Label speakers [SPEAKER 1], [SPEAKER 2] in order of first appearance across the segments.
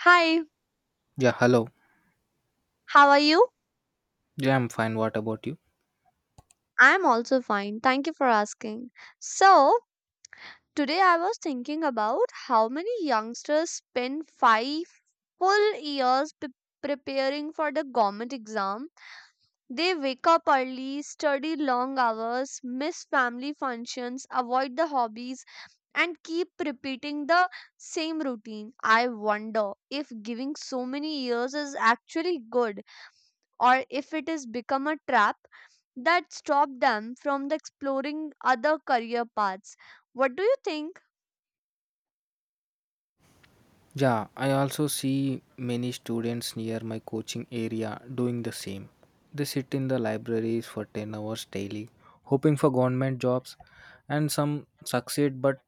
[SPEAKER 1] Hi,
[SPEAKER 2] Yeah, hello.
[SPEAKER 1] how are you?
[SPEAKER 2] Yeah, I'm fine. What about you?
[SPEAKER 1] I'm also fine. Thank you for asking. So, today I was thinking about how many youngsters spend 5 full years preparing for the government exam. They wake up early, study long hours, miss family functions, avoid the hobbies, and keep repeating the same routine. I wonder if giving so many years is actually good or if it has become a trap that stop them from the exploring other career paths. What do you think?
[SPEAKER 2] Yeah, I also see many students near my coaching area doing the same. They sit in the libraries for 10 hours daily, hoping for government jobs, and some succeed, but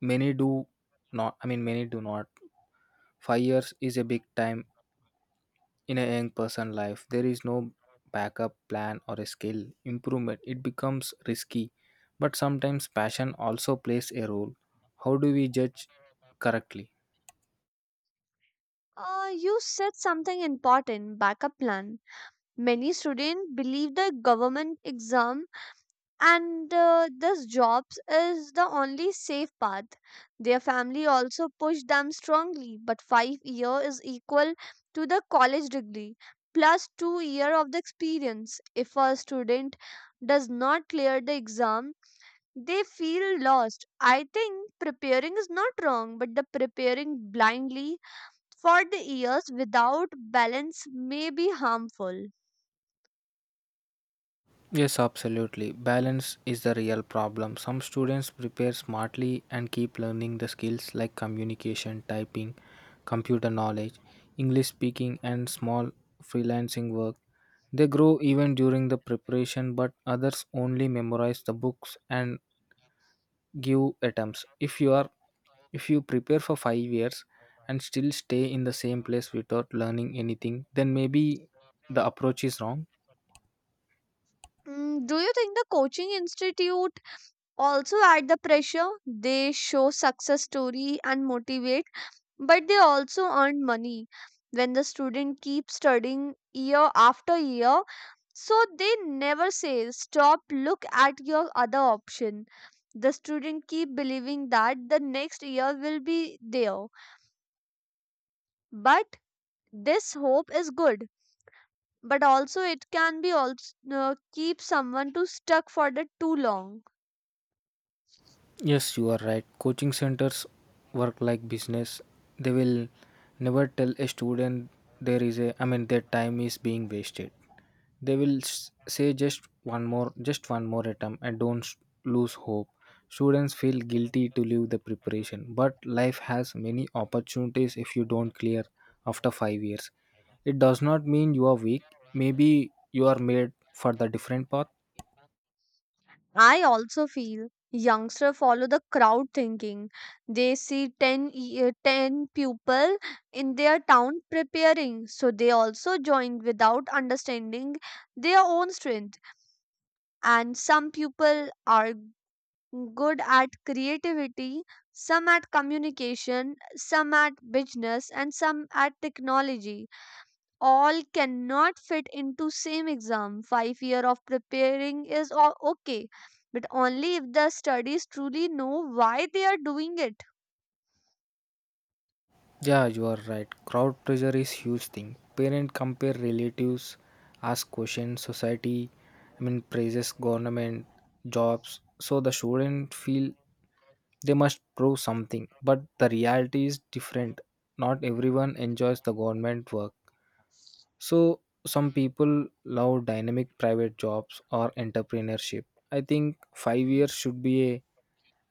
[SPEAKER 2] many do not. I mean, many do not. 5 years is a big time in a young person life. There is no backup plan or a skill improvement. It becomes risky, but sometimes passion also plays a role. How do we judge correctly?
[SPEAKER 1] You said something important, backup plan. Many students believe the government exam and this jobs is the only safe path. Their family also push them strongly, but 5 year is equal to the college degree plus 2 year of the experience. If a student does not clear the exam, they feel lost. I think preparing is not wrong, but the preparing blindly for the years without balance may be harmful.
[SPEAKER 2] Yes, absolutely. Balance is the real problem. Some students prepare smartly and keep learning the skills like communication, typing, computer knowledge, English speaking, and small freelancing work. They grow even during the preparation, but others only memorize the books and give attempts. If you prepare for 5 years and still stay in the same place without learning anything, then maybe the approach is wrong.
[SPEAKER 1] Do you think the coaching institute also add the pressure? They show success story and motivate, but they also earn money when the student keeps studying year after year, so they never say stop, look at your other option. The student keep believing that the next year will be there, but this hope is good, but also it can be also keep someone to stuck for the too long.
[SPEAKER 2] Yes, you are right. Coaching centers work like business. They will never tell a student I mean, their time is being wasted. They will say just one more attempt and don't lose hope. Students feel guilty to leave the preparation, but life has many opportunities if you don't clear after 5 years. It does not mean you are weak. Maybe you are made for the different path.
[SPEAKER 1] I also feel youngsters follow the crowd thinking. They see 10, 10 people in their town preparing, so they also join without understanding their own strength. And some people are good at creativity, some at communication, some at business, and some at technology, all cannot fit into same exam. 5 year of preparing is okay, but only if the studies truly know why they are doing it.
[SPEAKER 2] Yeah, you are right. Crowd pressure is huge thing. Parent compare relatives, ask questions, society, I mean praises government, jobs. So the student feel they must prove something. But the reality is different. Not everyone enjoys the government work. So some people love dynamic private jobs or entrepreneurship. I think 5 years should be a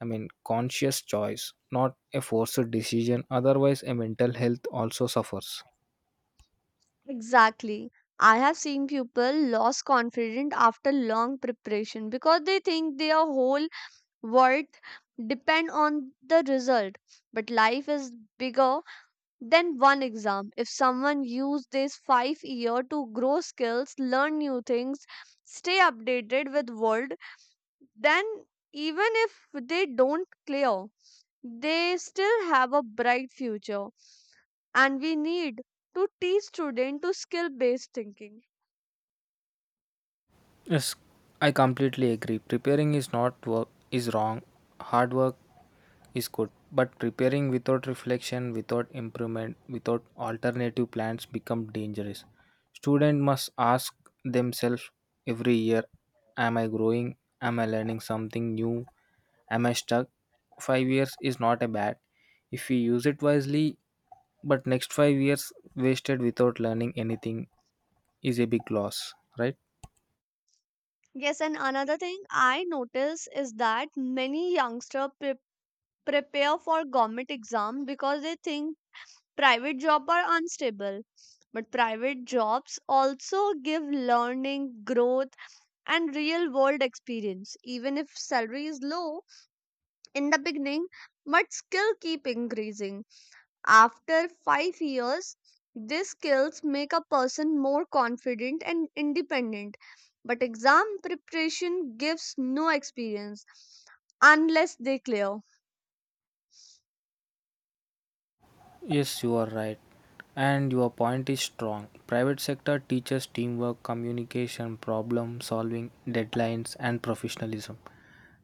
[SPEAKER 2] I mean, conscious choice, not a forced decision. Otherwise a mental health also suffers.
[SPEAKER 1] Exactly. I have seen people lost confidence after long preparation because they think their whole worth depend on the result. But life is bigger than one exam. If someone used this 5 year to grow skills, learn new things, stay updated with world, then even if they don't clear, they still have a bright future, and we need to teach students to skill based thinking.
[SPEAKER 2] Yes, I completely agree. Preparing is not work is wrong. Hard work is good, but preparing without reflection, without improvement, without alternative plans become dangerous. Student must ask themselves every year, am I growing? Am I learning something new? Am I stuck? 5 years is not a bad if we use it wisely, but next 5 years wasted without learning anything is a big loss, right?
[SPEAKER 1] Yes, and another thing I notice is that many youngsters prepare for government exam because they think private jobs are unstable, but private jobs also give learning growth and real world experience even if salary is low in the beginning, but skill keep increasing. After 5 years, these skills make a person more confident and independent. But exam preparation gives no experience unless they clear.
[SPEAKER 2] Yes, you are right. And your point is strong. Private sector teaches teamwork, communication, problem solving, deadlines, and professionalism.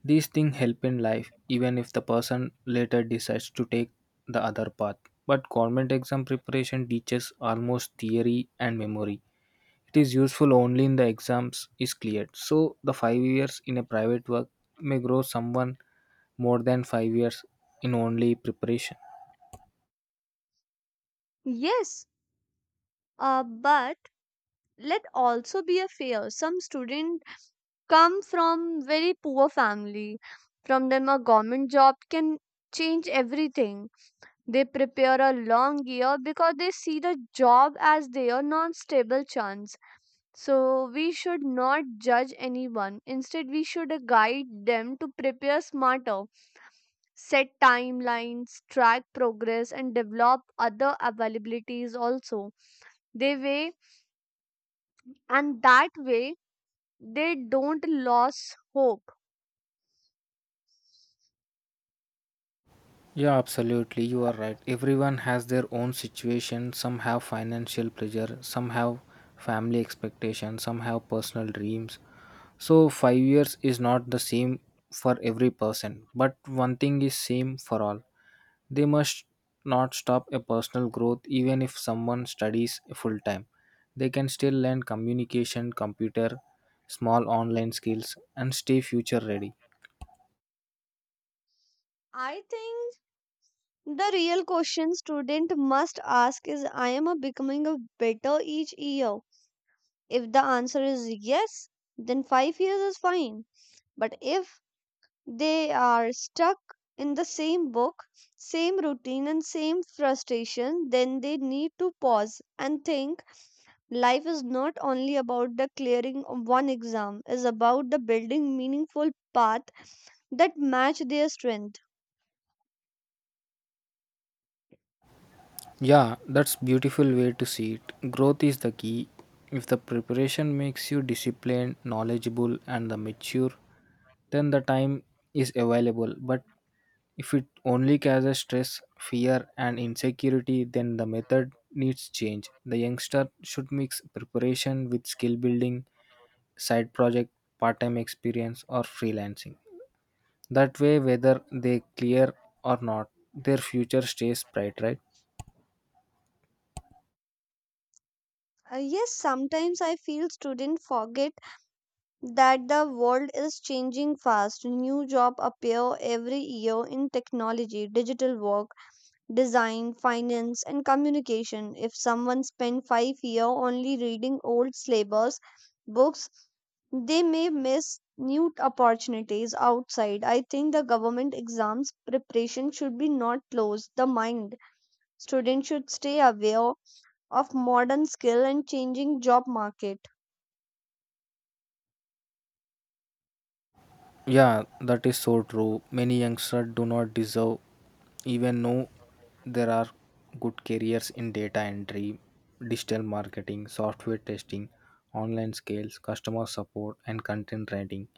[SPEAKER 2] These things help in life, even if the person later decides to take the other path. But government exam preparation teaches almost theory and memory. It is useful only in the exams is cleared. So the 5 years in a private work may grow someone more than 5 years in only preparation.
[SPEAKER 1] Yes, but let also be a fair. Some students come from very poor family. From them, a government job can change everything. They prepare a long year because they see the job as their non stable chance. So, we should not judge anyone. Instead, we should guide them to prepare smarter, set timelines, track progress, and develop other availabilities also. They way, and That way, they don't lose hope.
[SPEAKER 2] Yeah, absolutely. You are right. Everyone has their own situation. Some have financial pressure, some have family expectations, some have personal dreams. So, 5 years is not the same for every person, but one thing is same for all. They must not stop a personal growth even if someone studies full time. They can still learn communication, computer, small online skills, and stay future ready.
[SPEAKER 1] I think the real question student must ask is, I am a becoming a better each year. If the answer is yes, then 5 years is fine. But if they are stuck in the same book, same routine, and same frustration, then they need to pause and think, life is not only about the clearing of one exam, is about the building meaningful path that match their strength.
[SPEAKER 2] Yeah, that's beautiful way to see it. Growth is the key. If the preparation makes you disciplined, knowledgeable and the mature, then the time is available. But if it only causes stress, fear and insecurity, then the method needs change. The youngster should mix preparation with skill building, side project, part-time experience or freelancing. That way whether they clear or not, their future stays bright, right?
[SPEAKER 1] Yes, sometimes I feel students forget that the world is changing fast. New job appear every year in technology, digital work, design, finance, and communication. If someone spent 5 years only reading old syllabus books, they may miss new opportunities outside. I think the government exams preparation should be not close the mind. Students should stay aware of modern skill and changing job market.
[SPEAKER 2] Yeah, that is so true. Many youngsters do not deserve, even know there are good careers in data entry, digital marketing, software testing, online skills, customer support, and content writing.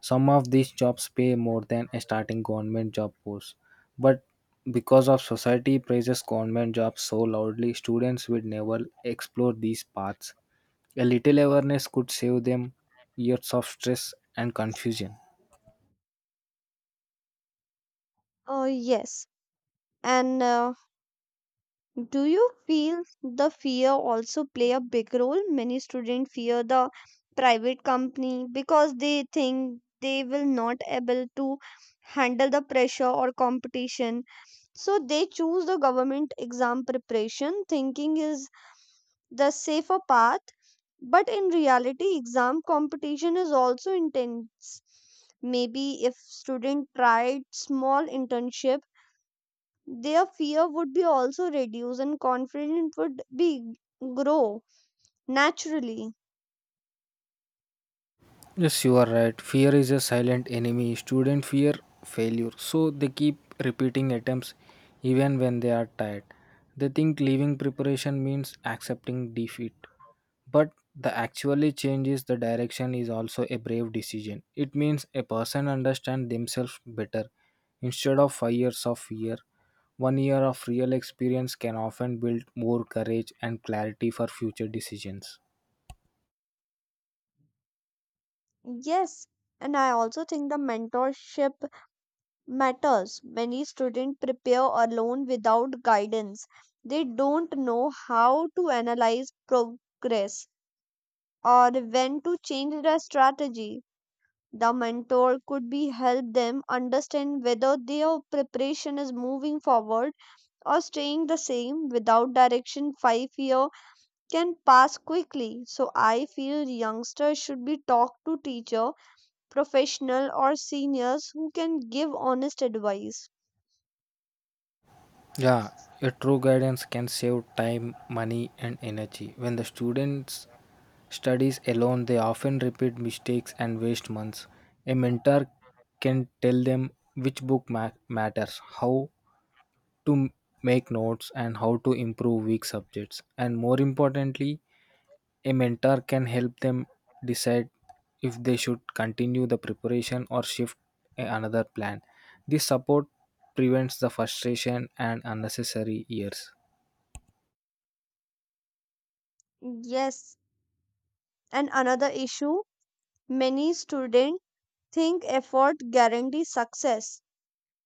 [SPEAKER 2] Some of these jobs pay more than a starting government job post, but because of society praises government jobs so loudly, students will never explore these paths. A little awareness could save them years of stress and confusion.
[SPEAKER 1] Yes, and do you feel the fear also play a big role? Many students fear the private company because they think they will not able to handle the pressure or competition. So they choose the government exam preparation thinking is the safer path. But in reality, exam competition is also intense. Maybe if student tried small internship, their fear would be also reduced and confidence would be grow naturally.
[SPEAKER 2] Yes, you are right. Fear is a silent enemy. Students fear failure, so they keep repeating attempts even when they are tired. They think leaving preparation means accepting defeat. But the actually changes the direction is also a brave decision. It means a person understands themselves better. Instead of 5 years of fear, one year of real experience can often build more courage and clarity for future decisions.
[SPEAKER 1] Yes, and I also think the mentorship matters. Many students prepare alone without guidance. They don't know how to analyze progress or when to change their strategy. The mentor could be help them understand whether their preparation is moving forward or staying the same without direction. 5 year can pass quickly. So I feel youngsters should be talked to teacher, professional or seniors who can give honest advice.
[SPEAKER 2] Yeah, a true guidance can save time, money, and energy. When the students studies alone, they often repeat mistakes and waste months. A mentor can tell them which book matters, how to make notes, and how to improve weak subjects. And more importantly, a mentor can help them decide if they should continue the preparation or shift another plan. This support prevents the frustration and unnecessary years.
[SPEAKER 1] Yes, and another issue, many students think effort guarantees success.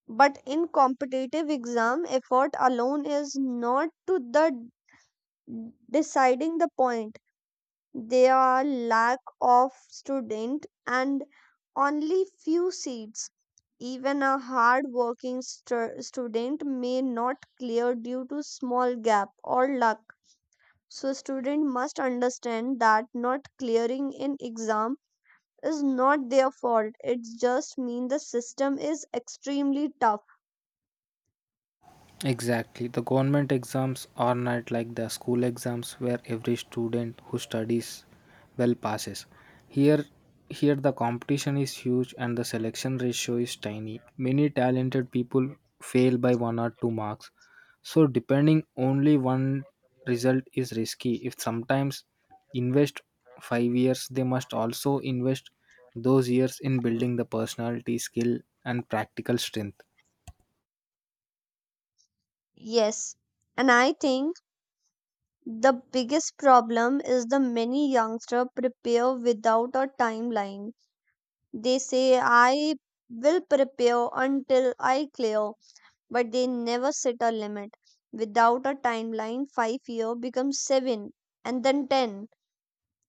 [SPEAKER 1] But in competitive exam, effort alone is not to the deciding the point. There are lack of student and only few seats. Even a hard-working student may not clear due to small gap or luck. So student must understand that not clearing in exam is not their fault. It just means the system is extremely tough.
[SPEAKER 2] Exactly. The government exams are not like the school exams where every student who studies well passes. Here here the competition is huge and the selection ratio is tiny. Many talented people fail by 1 or 2 marks. So depending only one result is risky. If sometimes invest 5 years they must also invest those years in building the personality skill and practical strength.
[SPEAKER 1] Yes, and I think the biggest problem is the many youngster prepare without a timeline. They say, I will prepare until I clear, but they never set a limit. Without a timeline, 5 year becomes seven and then ten.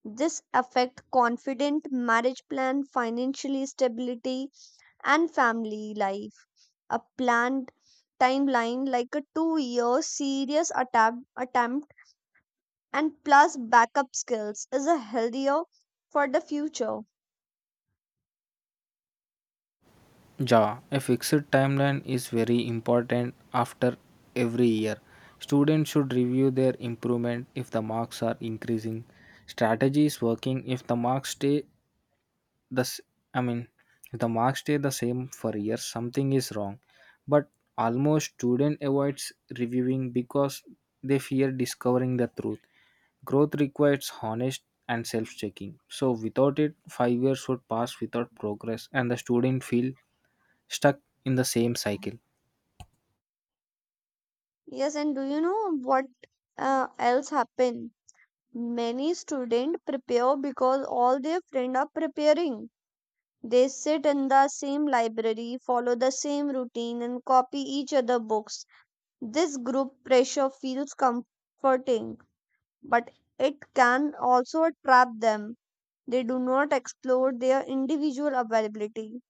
[SPEAKER 1] This affect confident marriage plan, financially stability, and family life. A planned timeline like a 2 year serious attempt and plus backup skills is a healthier for the future.
[SPEAKER 2] Ja, a fixed timeline is very important after every year. Students should review their improvement if the marks are increasing. Strategy is working if the marks stay the s- I mean if the marks stay the same for years, something is wrong. But almost student avoids reviewing because they fear discovering the truth. Growth requires honest and self-checking. So without it, 5 years would pass without progress and the student feel stuck in the same cycle.
[SPEAKER 1] Yes, and do you know what else happened? Many students prepare because all their friends are preparing. They sit in the same library, follow the same routine, and copy each other books. This group pressure feels comforting, but it can also trap them. They do not explore their individual availability.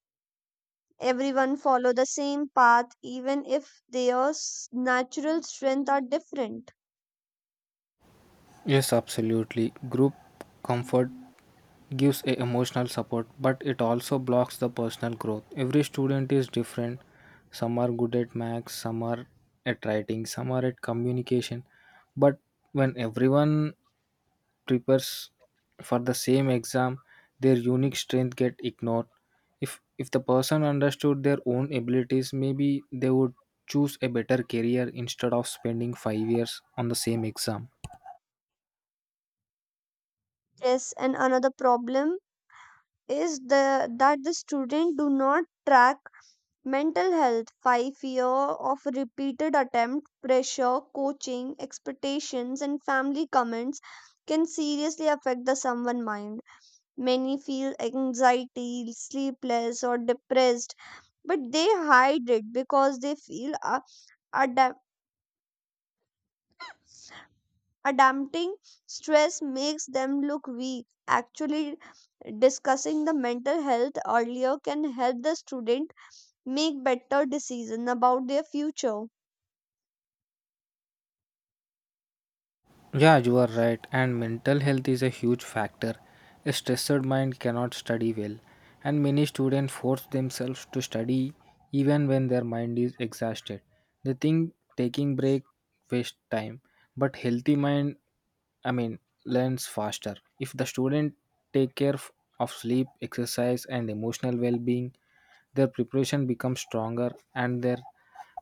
[SPEAKER 1] Everyone follow the same path, even if their natural strengths are different.
[SPEAKER 2] Yes, absolutely. Group comfort gives a emotional support, but it also blocks the personal growth. Every student is different. Some are good at maths, some are at writing, some are at communication. But when everyone prepares for the same exam, their unique strength get ignored. If the person understood their own abilities, maybe they would choose a better career instead of spending 5 years on the same exam.
[SPEAKER 1] Yes, and another problem is the that the student do not track mental health. By fear of repeated attempt pressure, coaching expectations, and family comments can seriously affect the someone mind. Many feel anxiety, sleepless, or depressed, but they hide it because they feel a dam- a damping stress makes them look weak. Actually, discussing the mental health earlier can help the student make better decisions about their future.
[SPEAKER 2] Yeah, you are right, and mental health is a huge factor. A stressed mind cannot study well, and many students force themselves to study even when their mind is exhausted. They think taking break waste time, but healthy mind, I mean, learns faster. If the student take care of sleep, exercise, and emotional well-being, their preparation becomes stronger and their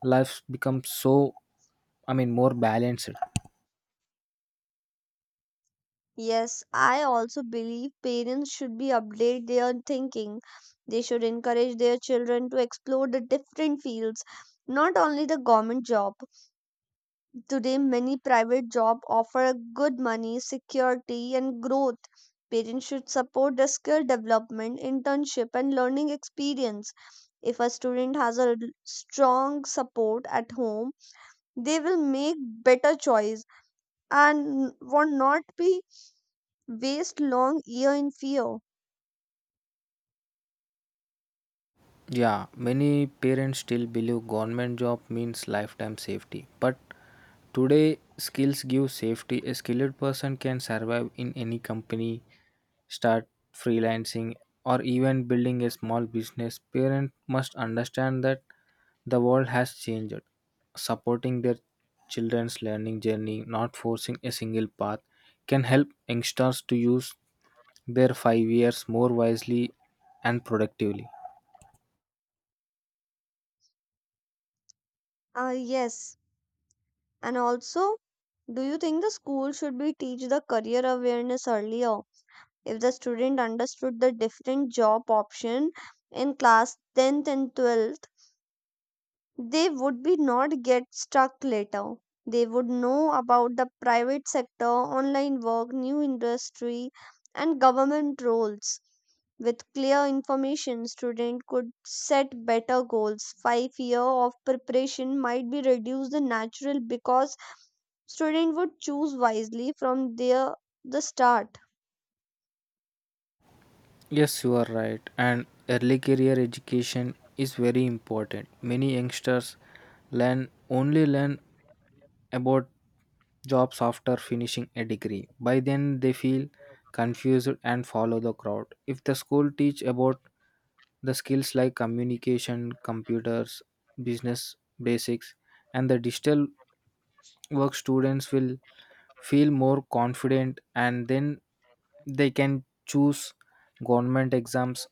[SPEAKER 2] lives become so. I mean, more balanced.
[SPEAKER 1] Yes, I also believe parents should be update their thinking. They should encourage their children to explore the different fields, not only the government job. Today, many private jobs offer good money, security, and growth. Parents should support the skill development, internship, and learning experience. If a student has a strong support at home, they will make better choice and would not be waste long year in fear.
[SPEAKER 2] Yeah, many parents still believe government job means lifetime safety, but today skills give safety. A skilled person can survive in any company, start freelancing, or even building a small business. Parents must understand that the world has changed, supporting their children's learning journey, not forcing a single path, can help youngsters to use their 5 years more wisely and productively.
[SPEAKER 1] Yes, and also, do you think the school should be teach the career awareness earlier? If the student understood the different job option in class 10th and 12th, they would be not get stuck later. They would know about the private sector, online work, new industry, and government roles. With clear information, student could set better goals. 5 year of preparation might be reduced the natural because student would choose wisely from their the start.
[SPEAKER 2] Yes, you are right, and early career education is very important. Many youngsters learn about jobs after finishing a degree. By then, they feel confused and follow the crowd. If the school teach about the skills like communication, computers, business basics, and the digital work, students will feel more confident and then they can choose government exams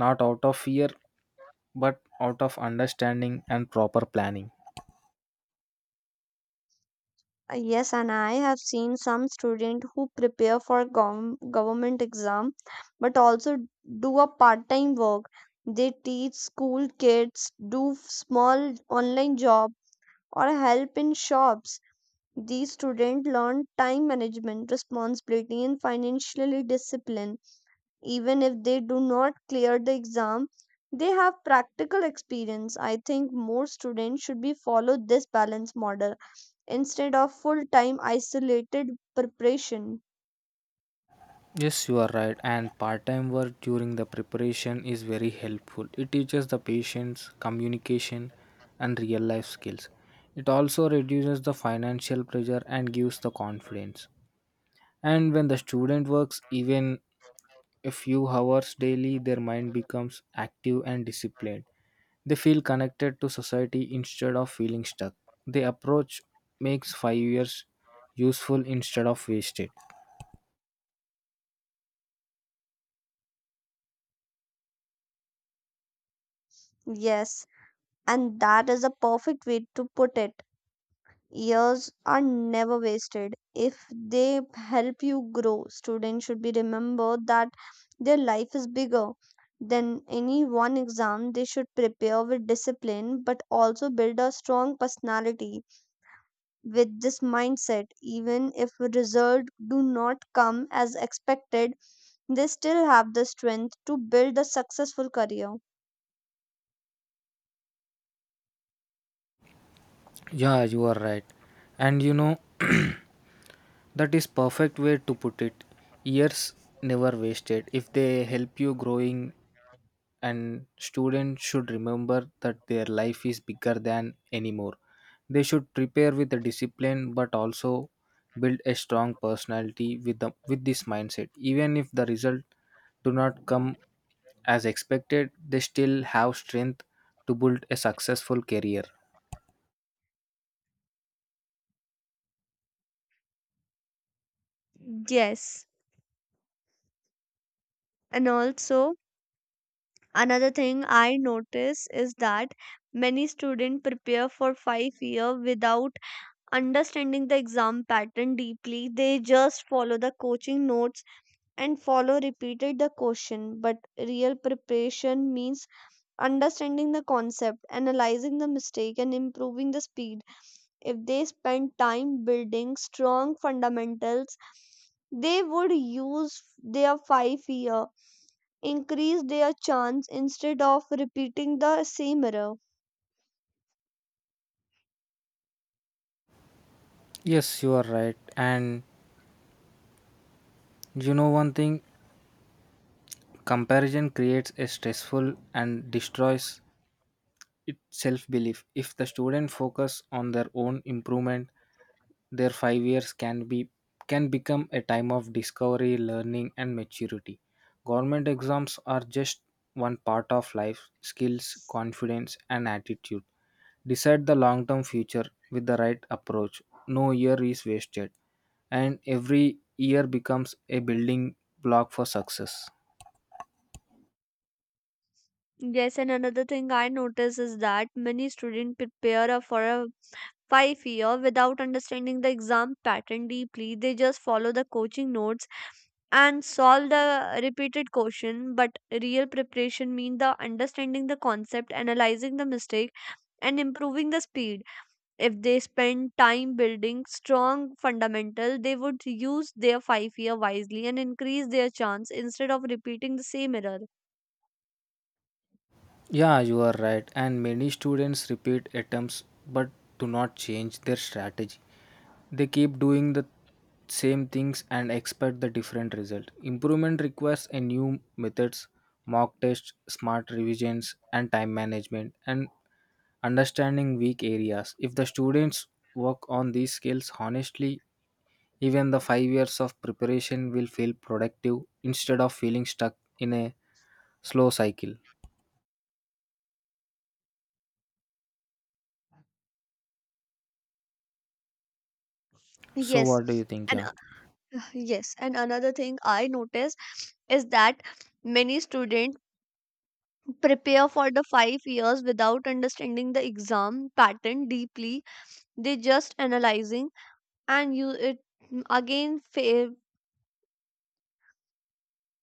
[SPEAKER 2] not out of fear but out of understanding and proper planning.
[SPEAKER 1] Yes, and I have seen some student who prepare for government exam, but also do a part-time work. They teach school kids, do small online job, or help in shops. These students learn time management, responsibility, and financial discipline. Even if they do not clear the exam, they have practical experience. I think more students should be follow this balance model instead of full time isolated preparation.
[SPEAKER 2] Yes, you are right. And part time work during the preparation is very helpful. It teaches the patience, communication, and real life skills. It also reduces the financial pressure and gives the confidence. And when the student works even a few hours daily, their mind becomes active and disciplined. They feel connected to society instead of feeling stuck. The approach makes 5 years useful instead of wasted.
[SPEAKER 1] Yes, and that is a perfect way to put it. Years are never wasted. If they help you grow, students should be remember that their life is bigger than any one exam. They should prepare with discipline but also build a strong personality with this mindset. Even if results do not come as expected, they still have the strength to build a successful career.
[SPEAKER 2] Yeah, you are right. And you know, that is perfect way to put it. Years never wasted. If they help you growing, and students should remember that their life is bigger than anymore. They should prepare with the discipline but also build a strong personality with this mindset. Even if the result do not come as expected, they still have strength to build a successful career.
[SPEAKER 1] Yes, and also another thing I notice is that many students prepare for 5 year without understanding the exam pattern deeply. They just follow the coaching notes and follow repeated the question. But real preparation means understanding the concept, analyzing the mistake, and improving the speed. If they spent time building strong fundamentals, they would use their 5 year, increase their chance instead of repeating the same error.
[SPEAKER 2] Yes, you are right. And you know one thing, comparison creates a stressful and destroys its self-belief. If the student focus on their own improvement, their 5 years can become a time of discovery, learning and maturity. Government exams are just one part of life, skills, confidence and attitude. Decide the long-term future with the right approach. No year is wasted, and every year becomes a building block for success.
[SPEAKER 1] Yes, and another thing I notice is that many students prepare for a 5 year without understanding the exam pattern deeply. They just follow the coaching notes and solve the repeated question, but real preparation means the understanding the concept, analyzing the mistake, and improving the speed. If they spend time building strong fundamentals, they would use their 5 year wisely and increase their chance instead of repeating the same error.
[SPEAKER 2] Yeah, you are right. And many students repeat attempts but do not change their strategy. They keep doing the same things and expect the different result. Improvement requires a new methods, mock tests, smart revisions, and time management, and understanding weak areas. If the students work on these skills honestly, even the 5 years of preparation will feel productive instead of feeling stuck in a slow cycle. So
[SPEAKER 1] Yes,
[SPEAKER 2] what do you think,
[SPEAKER 1] and
[SPEAKER 2] yeah?
[SPEAKER 1] yes, and another thing I notice is that many students prepare for the 5 years without understanding the exam pattern deeply. They just analyzing and you it. mm, again fa-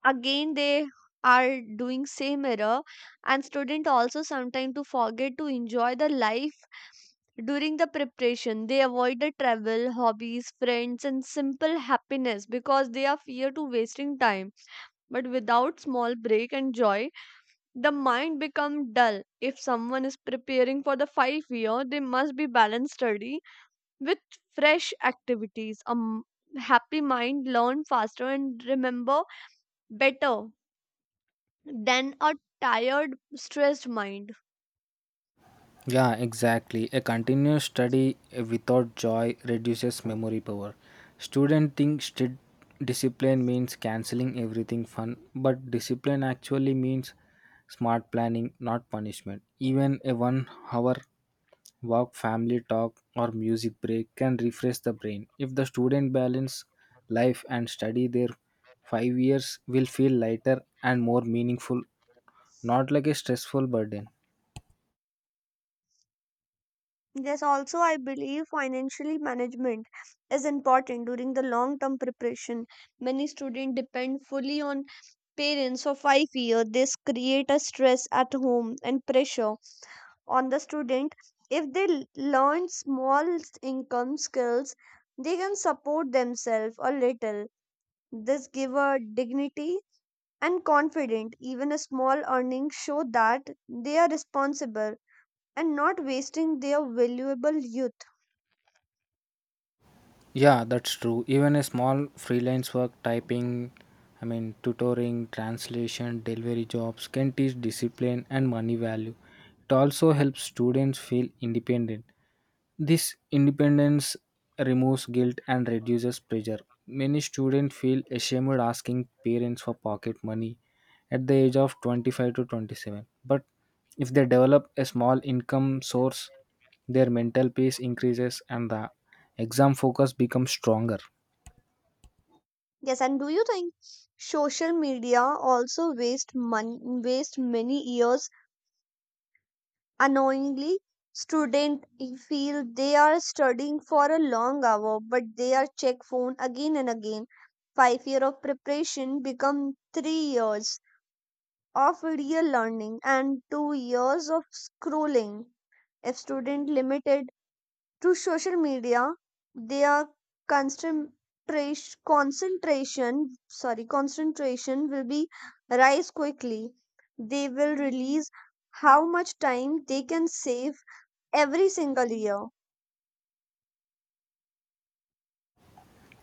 [SPEAKER 1] again they are doing same error. And student also sometimes to forget to enjoy the life during the preparation. They avoid the travel, hobbies, friends, and simple happiness because they are fear to wasting time. But without small break and joy, the mind become dull. If someone is preparing for the 5 year, they must be balanced study with fresh activities. A happy mind learn faster and remember better than a tired, stressed mind.
[SPEAKER 2] Yeah, exactly. A continuous study without joy reduces memory power. Student think strict discipline means canceling everything fun, but discipline actually means smart planning, not punishment. Even a one hour walk, family talk, or music break can refresh the brain. If the student balance life and study, their 5 years will feel lighter and more meaningful, not like a stressful burden.
[SPEAKER 1] Yes, also, I believe financially management is important during the long term preparation. Many students depend fully on parents for 5 years. This create a stress at home and pressure on the student. If they learn small income skills, they can support themselves a little. This give a dignity and confident. Even a small earnings show that they are responsible and not wasting their valuable youth.
[SPEAKER 2] Yeah, that's true. Even a small freelance work, typing, I mean, tutoring, translation, delivery jobs can teach discipline and money value. It also helps students feel independent. This independence removes guilt and reduces pressure. Many students feel ashamed asking parents for pocket money at the age of 25 to 27. But if they develop a small income source, their mental peace increases and the exam focus becomes stronger.
[SPEAKER 1] Yes, and do you think social media also waste money, waste many years unknowingly? Student feel they are studying for a long hour, but they are check phone again and again. 5 year of preparation become 3 years of video learning and 2 years of scrolling. If student limited to social media, their concentration concentration will be rise quickly. They will release how much time they can save every single year.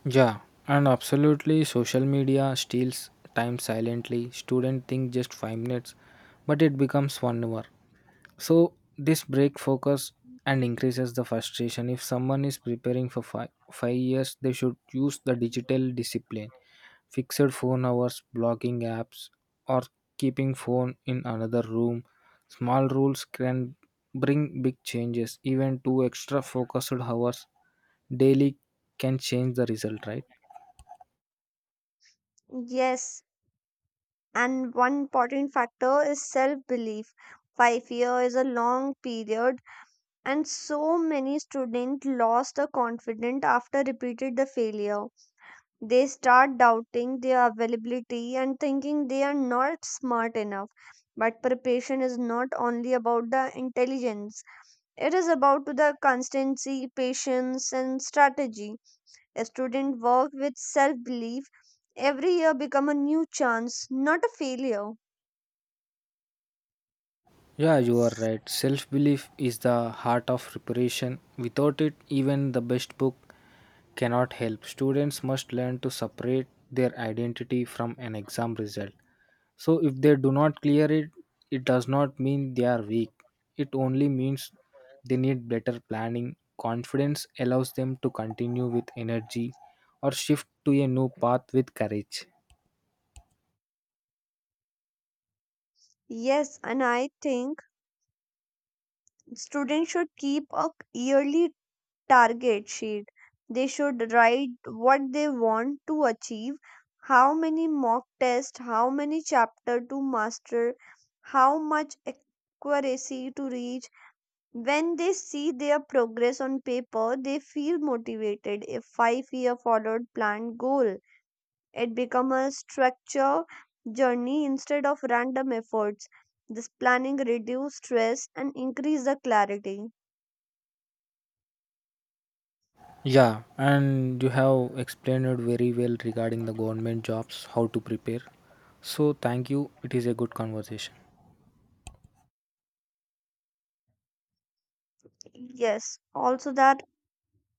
[SPEAKER 2] Yeah, and absolutely, social media steals time silently. Students think just 5 minutes, but it becomes 1 hour. So this break focus and increases the frustration. If someone is preparing for 5 years, they should use the digital discipline, fixed phone hours, blocking apps, or keeping phone in another room. Small rules can bring big changes. Even two extra focused hours daily can change the result, right?
[SPEAKER 1] Yes, and one important factor is self belief. 5 years is a long period, and so many students lost the confidence after repeated the failure. They start doubting their availability and thinking they are not smart enough, but preparation is not only about the intelligence, it is about the constancy patience and strategy. A student work with self belief, every year become a new chance, not a failure.
[SPEAKER 2] Yeah, you are right. Self belief is the heart of preparation. Without it, even the best book cannot help. Students must learn to separate their identity from an exam result. So, if they do not clear it, it does not mean they are weak. It only means they need better planning. Confidence allows them to continue with energy or shift to a new path with courage.
[SPEAKER 1] Yes, and I think students should keep a yearly target sheet. They should write what they want to achieve, how many mock tests, how many chapter to master, how much accuracy to reach. When they see their progress on paper, they feel motivated. If 5 year followed plan goal, it become a structure journey instead of random efforts. This planning reduce stress and increase the clarity.
[SPEAKER 2] Yeah, and you have explained it very well regarding the government jobs, how to prepare. So, thank you. It is a good conversation.
[SPEAKER 1] Yes, also that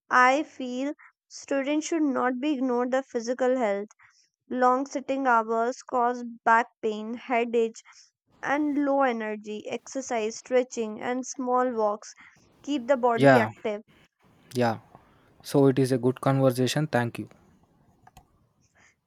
[SPEAKER 1] I feel students should not be ignored their physical health. Long sitting hours cause back pain, headache, and low energy. Exercise, stretching, and small walks keep the body
[SPEAKER 2] Yeah,
[SPEAKER 1] active.
[SPEAKER 2] yeah. So, it is a good conversation. Thank you.